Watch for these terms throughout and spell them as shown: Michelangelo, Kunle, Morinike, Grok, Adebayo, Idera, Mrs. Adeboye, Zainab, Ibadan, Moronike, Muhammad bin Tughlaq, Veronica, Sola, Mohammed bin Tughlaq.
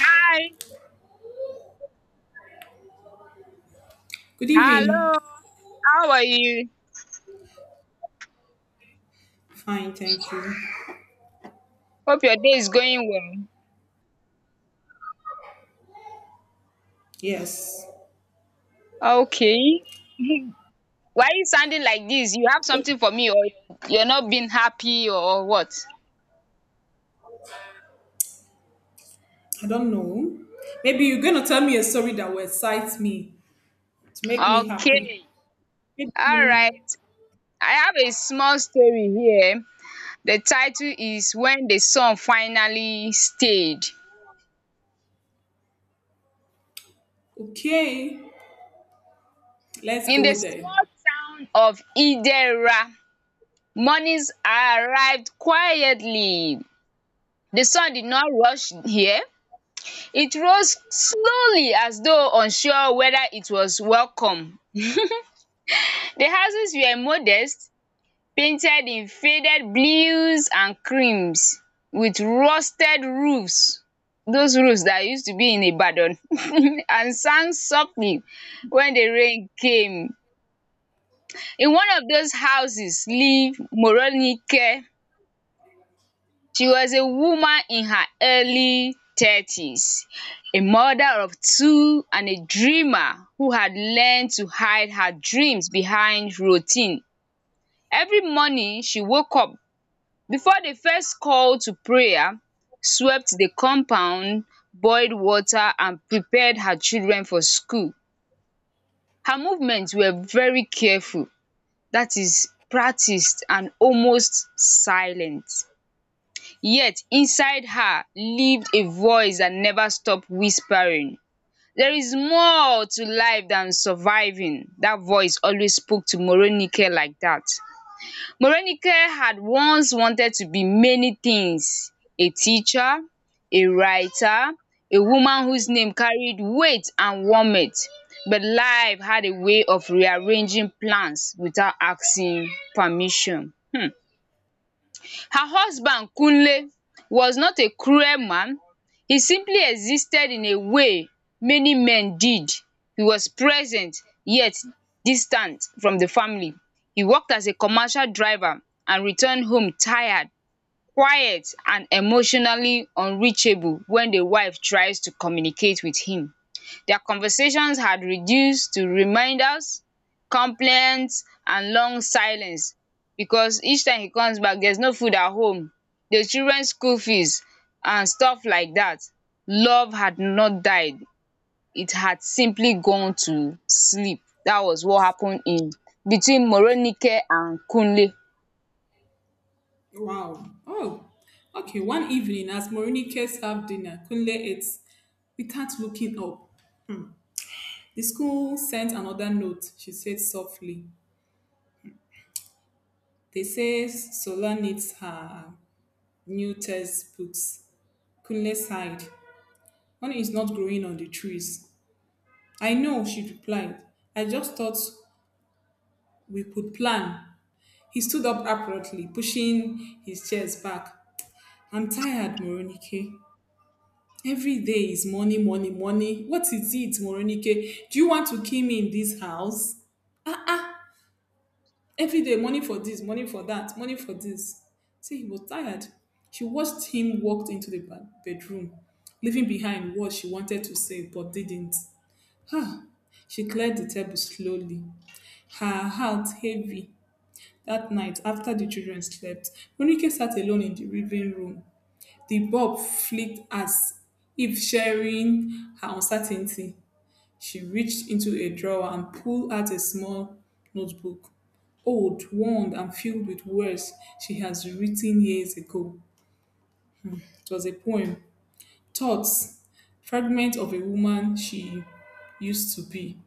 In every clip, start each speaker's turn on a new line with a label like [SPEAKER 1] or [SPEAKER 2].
[SPEAKER 1] Hi.
[SPEAKER 2] Good evening.
[SPEAKER 1] Hello. How are you?
[SPEAKER 2] Fine, thank you.
[SPEAKER 1] Hope your day is going
[SPEAKER 2] Yes,
[SPEAKER 1] well. Okay. Why are you sounding like this? You have something for me or you're not being happy or what?
[SPEAKER 2] I don't know. Maybe you're gonna tell me a story that will excite me to make me happy.
[SPEAKER 1] Okay. All
[SPEAKER 2] Maybe-
[SPEAKER 1] right. I have a small story here. The title is When the Sun Finally Stayed.
[SPEAKER 2] Okay, let's
[SPEAKER 1] In the
[SPEAKER 2] go there.
[SPEAKER 1] small town of Idera, mornings arrived quietly. The sun did not rush here. It rose slowly as though unsure whether it was welcome. The houses were modest, painted in faded blues and creams with rusted roofs, those roofs that used to be in Ibadan and sang softly when the rain came. In one of those houses lived Moronike. She was a woman in her early 30s, a mother of two and a dreamer who had learned to hide her dreams behind routine. Every morning she woke up before the first call to prayer, swept the compound, boiled water and prepared her children for school. Her movements were very careful, that is practiced and almost silent. Yet inside her lived a voice that never stopped whispering. There is more to life than surviving. That voice always spoke to Morenike like that. Morenike had once wanted to be many things: a teacher, a writer, a woman whose name carried weight and warmth. But life had a way of rearranging plans without asking permission. Hmm. Her husband Kunle was not a cruel man. He simply existed in a way many men did. He was present yet distant from the family. He worked as a commercial driver and returned home tired, quiet and emotionally unreachable when the wife tries to communicate with him. Their conversations had reduced to reminders, complaints, and long silence, because each time he comes back, there's no food at home, the children's school fees, and stuff like that. Love had not died, it had simply gone to sleep. That was what happened in between Moronike and Kunle.
[SPEAKER 2] Wow. Oh, okay. One evening, as Morinike served dinner, Kunle ate without looking up. The school sent another note, she said softly. They say Sola needs her new textbooks. Kunle sighed. Money is not growing on the trees. I know, she replied. I just thought we could plan. He stood up abruptly, pushing his chairs back. I'm tired, Moronike. Every day is money, money, money. What is it, Moronike? Do you want to kill me in this house? Ah, ah. Every day, money for this, money for that, money for this. See, he was tired. She watched him walk into the bedroom, leaving behind what she wanted to say but didn't. Ah, she cleared the table slowly, her heart heavy. That night, after the children slept, Ronike sat alone in the living room. The bulb flicked as if sharing her uncertainty. She reached into a drawer and pulled out a small notebook. Old, worn, and filled with words she has written years ago. It was a poem, thoughts, fragment of a woman she used to be.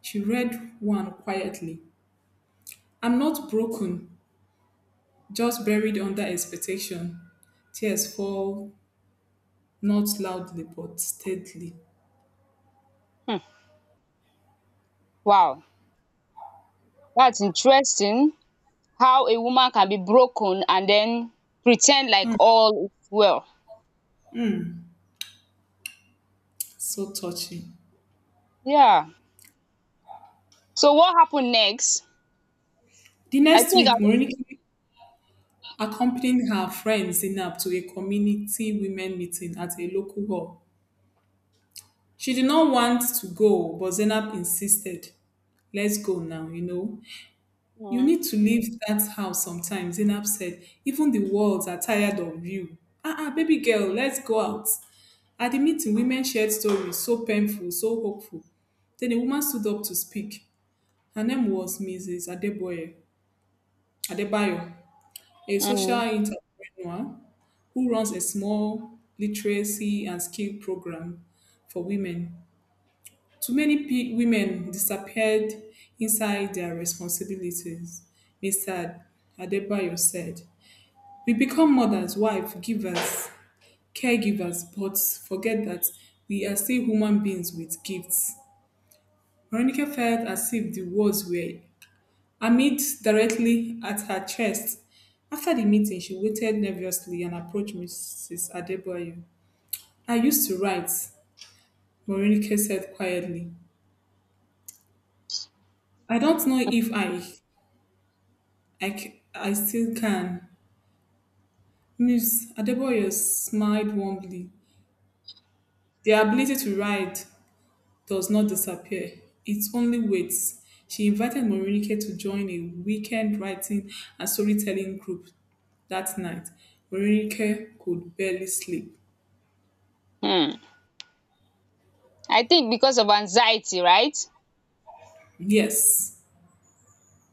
[SPEAKER 2] She read one quietly. I'm not broken. Just buried under expectation. Tears fall, not loudly but steadily.
[SPEAKER 1] Hmm, wow, that's interesting how a woman can be broken and then pretend like all is well.
[SPEAKER 2] So touching.
[SPEAKER 1] Yeah. So what happened next?
[SPEAKER 2] The
[SPEAKER 1] I
[SPEAKER 2] next
[SPEAKER 1] think I
[SPEAKER 2] week,
[SPEAKER 1] just
[SPEAKER 2] Moriniki accompanied her friend Zainab to a community women meeting at a local hall. She did not want to go, but Zainab insisted. Let's go now, you know. You
[SPEAKER 1] mm,
[SPEAKER 2] need to leave that house sometime, Zainab said. Even the walls are tired of you. Ah, ah, baby girl, let's go out. At the meeting, women shared stories so painful, so hopeful. Then a woman stood up to speak. Her name was Mrs. Adeboye, Adebayo, a social
[SPEAKER 1] mm,
[SPEAKER 2] entrepreneur who runs a small literacy and skill program for women. Too many women disappeared inside their responsibilities, Mr. Adebayo said. We become mothers, wives, givers, caregivers, but forget that we are still human beings with gifts. Veronica felt as if the words were aimed directly at her chest. After the meeting, she waited nervously and approached Mrs. Adebayo. I used to write, Veronica said quietly. I don't know if I still can. Miss Adebayo smiled warmly. The ability to write does not disappear, it only waits. She invited Morinike to join a weekend writing and storytelling group that night. Morinike could barely sleep.
[SPEAKER 1] mm. I think because of anxiety, right?
[SPEAKER 2] Yes.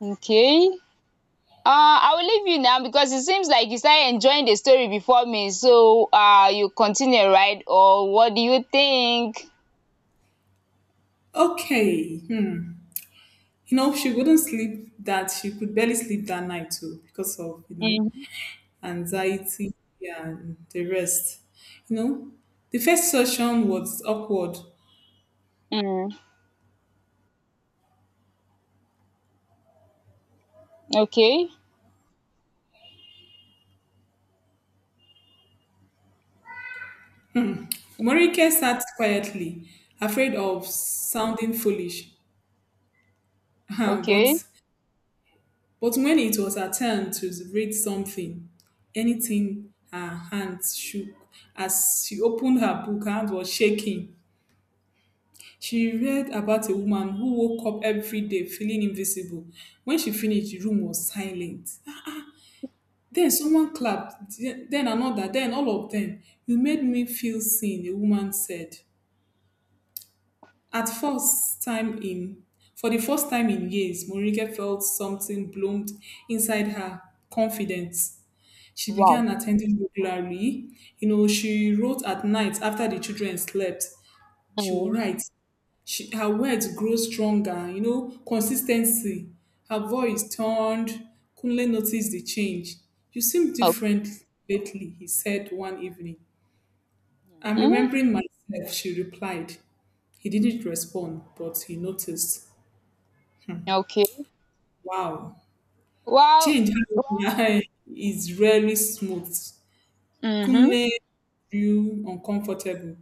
[SPEAKER 1] Okay. I will leave you now because it seems like you started enjoying the story before me. So you continue, right? Or what do you think?
[SPEAKER 2] Okay. Hmm. You know, she wouldn't sleep that she could barely sleep that night too because of,
[SPEAKER 1] Mm.
[SPEAKER 2] anxiety and the rest. You know, the first session was awkward.
[SPEAKER 1] Mm. Okay.
[SPEAKER 2] Morike sat quietly, afraid of sounding foolish. but
[SPEAKER 1] Okay.
[SPEAKER 2] But when it was her turn to read something, anything, her hands shook. As she opened her book, her hand was shaking. She read about a woman who woke up every day feeling invisible. When she finished, the room was silent. Then someone clapped, then another, then all of them. You made me feel seen, a woman said. At first time in For the first time in years, Morike felt something bloomed inside her confidence. She
[SPEAKER 1] Wow.
[SPEAKER 2] began attending regularly. You know, she wrote at night after the children slept. She will
[SPEAKER 1] Mm.
[SPEAKER 2] write. Her words grow stronger, you know, consistency. Her voice turned. Kunle noticed the change. You seem
[SPEAKER 1] Okay.
[SPEAKER 2] different lately, he said one evening. I'm
[SPEAKER 1] Mm.
[SPEAKER 2] remembering myself, she replied. He didn't respond, but he noticed.
[SPEAKER 1] Okay.
[SPEAKER 2] Wow.
[SPEAKER 1] Wow.
[SPEAKER 2] Change is rarely smooth.
[SPEAKER 1] Mm-hmm.
[SPEAKER 2] Kunle grew uncomfortable.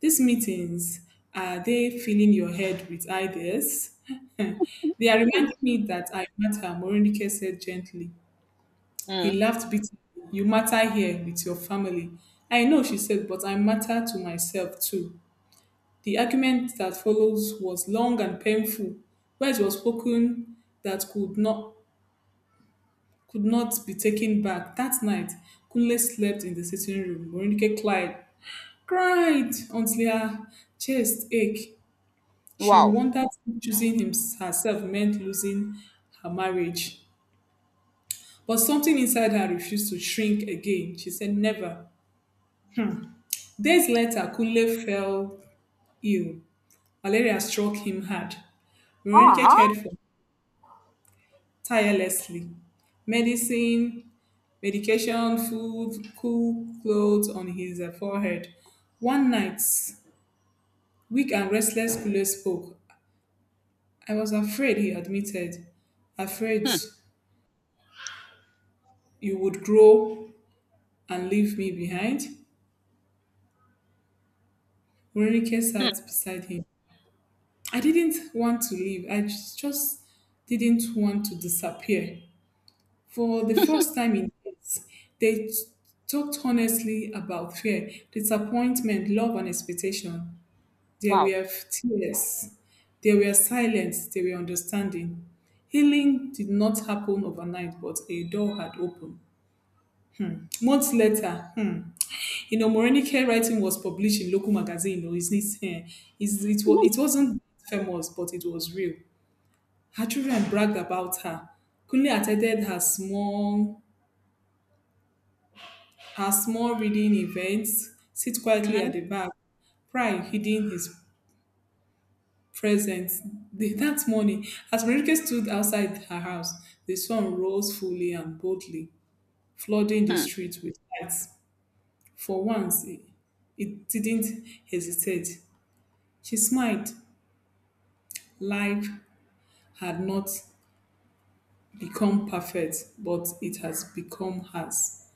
[SPEAKER 2] These meetings, are they filling your head with ideas? they are reminding me that I matter, Moronike said gently. He
[SPEAKER 1] Mm.
[SPEAKER 2] laughed bitterly. You matter here with your family. I know, she said, but I matter to myself too. The argument that follows was long and painful. Words were spoken that could not be taken back. That night, Kunle slept in the sitting room. Morinike climbed cried until her chest ached. She
[SPEAKER 1] Wow.
[SPEAKER 2] wondered if choosing him herself meant losing her marriage. But something inside her refused to shrink again. She said, never. Days later, Kule fell ill. Malaria struck him hard. Veronica
[SPEAKER 1] Uh-huh.
[SPEAKER 2] cared for him tirelessly. Medicine, medication, food, cool clothes on his forehead. One night, weak and restless, Kule spoke. I was afraid, he admitted. Afraid
[SPEAKER 1] Hmm.
[SPEAKER 2] you would grow and leave me behind. Veronica
[SPEAKER 1] Hmm.
[SPEAKER 2] sat beside him. I didn't want to leave. I just didn't want to disappear. For the first time in years, they talked honestly about fear, disappointment, love, and expectation. There
[SPEAKER 1] Wow.
[SPEAKER 2] were tears. There were silence. There were understanding. Healing did not happen overnight, but a door had opened. Months later, hmm, you know, Omoronique, writing was published in local magazine. Oh, it's, eh, it's, it, wa- it wasn't famous, but it was real. Her children bragged about her. Kunle attended her her small reading events, sit quietly
[SPEAKER 1] Mm-hmm.
[SPEAKER 2] at the back, pride hidden his presence. That morning, as Marike stood outside her house, the sun rose fully and boldly, flooding the
[SPEAKER 1] Hmm.
[SPEAKER 2] street with lights. For once, it didn't hesitate. She smiled. Life had not become perfect, but it has become hers.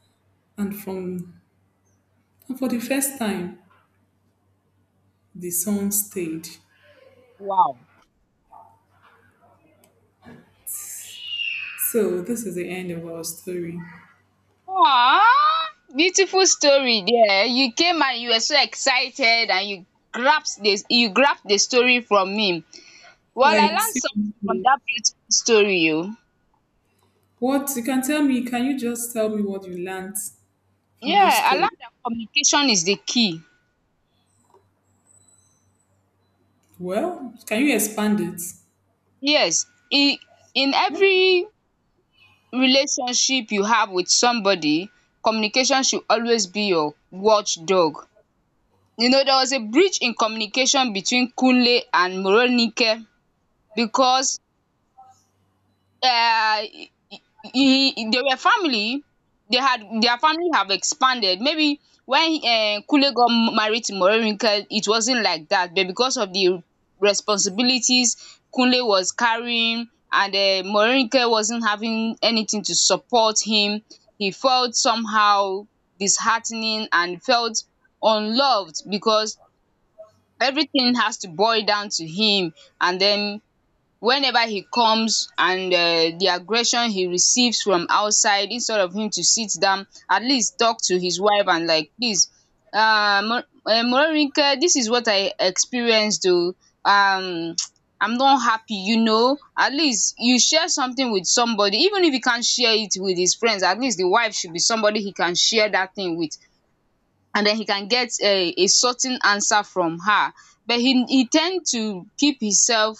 [SPEAKER 2] And from and for the first time, the sun stayed.
[SPEAKER 1] Wow.
[SPEAKER 2] So this is the end of our story.
[SPEAKER 1] Aw, beautiful story there. You came and you were so excited and you grasped this you grabbed the story from me. Well, I
[SPEAKER 2] Like
[SPEAKER 1] learned something from
[SPEAKER 2] seriously,
[SPEAKER 1] that beautiful story. You —
[SPEAKER 2] what you can tell me? Can you just tell me what you learned from
[SPEAKER 1] yeah,
[SPEAKER 2] this
[SPEAKER 1] I
[SPEAKER 2] story?
[SPEAKER 1] learned that communication is the key.
[SPEAKER 2] Well, can you expand it?
[SPEAKER 1] Yes, in in every relationship you have with somebody, communication should always be your watchdog. You know, there was a breach in communication between Kunle and Moronike because uh, they were family. They had their family have expanded. Maybe when Kule got married to Morinka, it wasn't like that. But because of the responsibilities Kunle was carrying, and Morinka wasn't having anything to support him, he felt somehow disheartening and felt unloved because everything has to boil down to him. And then whenever he comes and the aggression he receives from outside, instead of him to sit down at least talk to his wife and like, please Moronike, this is what I experienced, though um I'm not happy, you know, at least you share something with somebody. Even if you can't share it with his friends, at least the wife should be somebody he can share that thing with, and then he can get a certain answer from her. But he tend to keep himself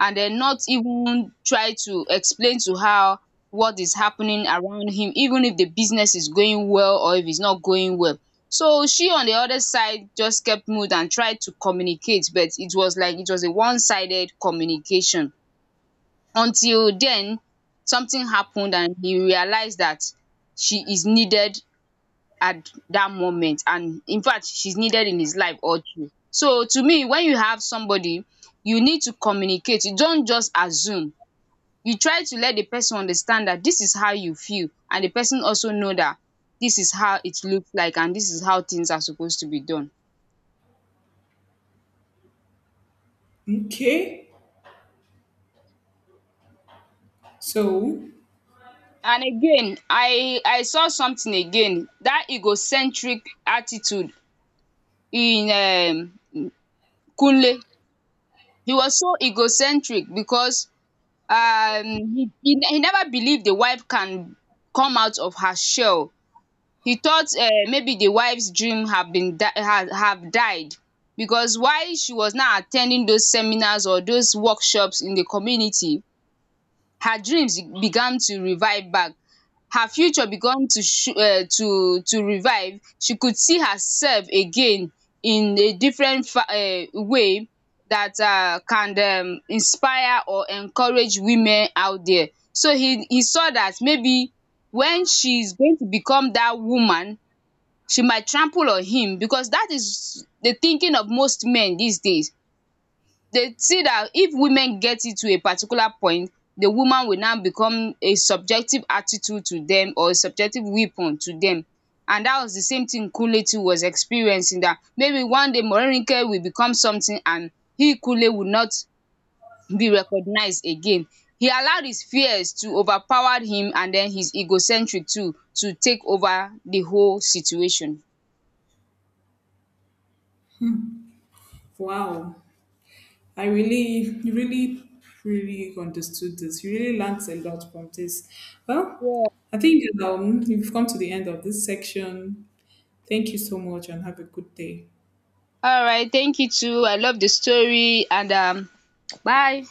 [SPEAKER 1] and then not even try to explain to her what is happening around him, even if the business is going well or if it's not going well. So she on the other side just kept mute and tried to communicate, but it was like it was a one-sided communication. Until then, something happened and he realized that she is needed at that moment, and in fact she's needed in his life or two. So to me, when you have somebody, you need to communicate. You don't just assume. You try to let the person understand that this is how you feel, and the person also know that this is how it looks like and this is how things are supposed to be done.
[SPEAKER 2] Okay. So
[SPEAKER 1] And again, I saw something again, that egocentric attitude in Kunle. He was so egocentric because um he never believed the wife can come out of her shell. He thought maybe the wife's dream have been die have died, because while she was now at ten ding those seminars or those workshops in the community, her dreams began to revive back. Her future began to to revive. She could see herself again in a different way that can inspire or encourage women out there. So he saw that maybe when she's going to become that woman, she might trample on him, because that is the thinking of most men these days. They see that if women get it to a particular point, the woman will now become a subjective attitude to them or a subjective weapon to them. And that was the same thing Kunle was experiencing, that maybe one day Morenike will become something and he, Kule, will not be recognized again. He allowed his fears to overpower him, and then his egocentric too to take over the whole situation.
[SPEAKER 2] wow. I really, really, really understood this. You really learned a lot from this. Well,
[SPEAKER 1] Yeah.
[SPEAKER 2] I think we've come to the end of this section. Thank you so much and have a good day.
[SPEAKER 1] All right. Thank you too. I love the story, and bye.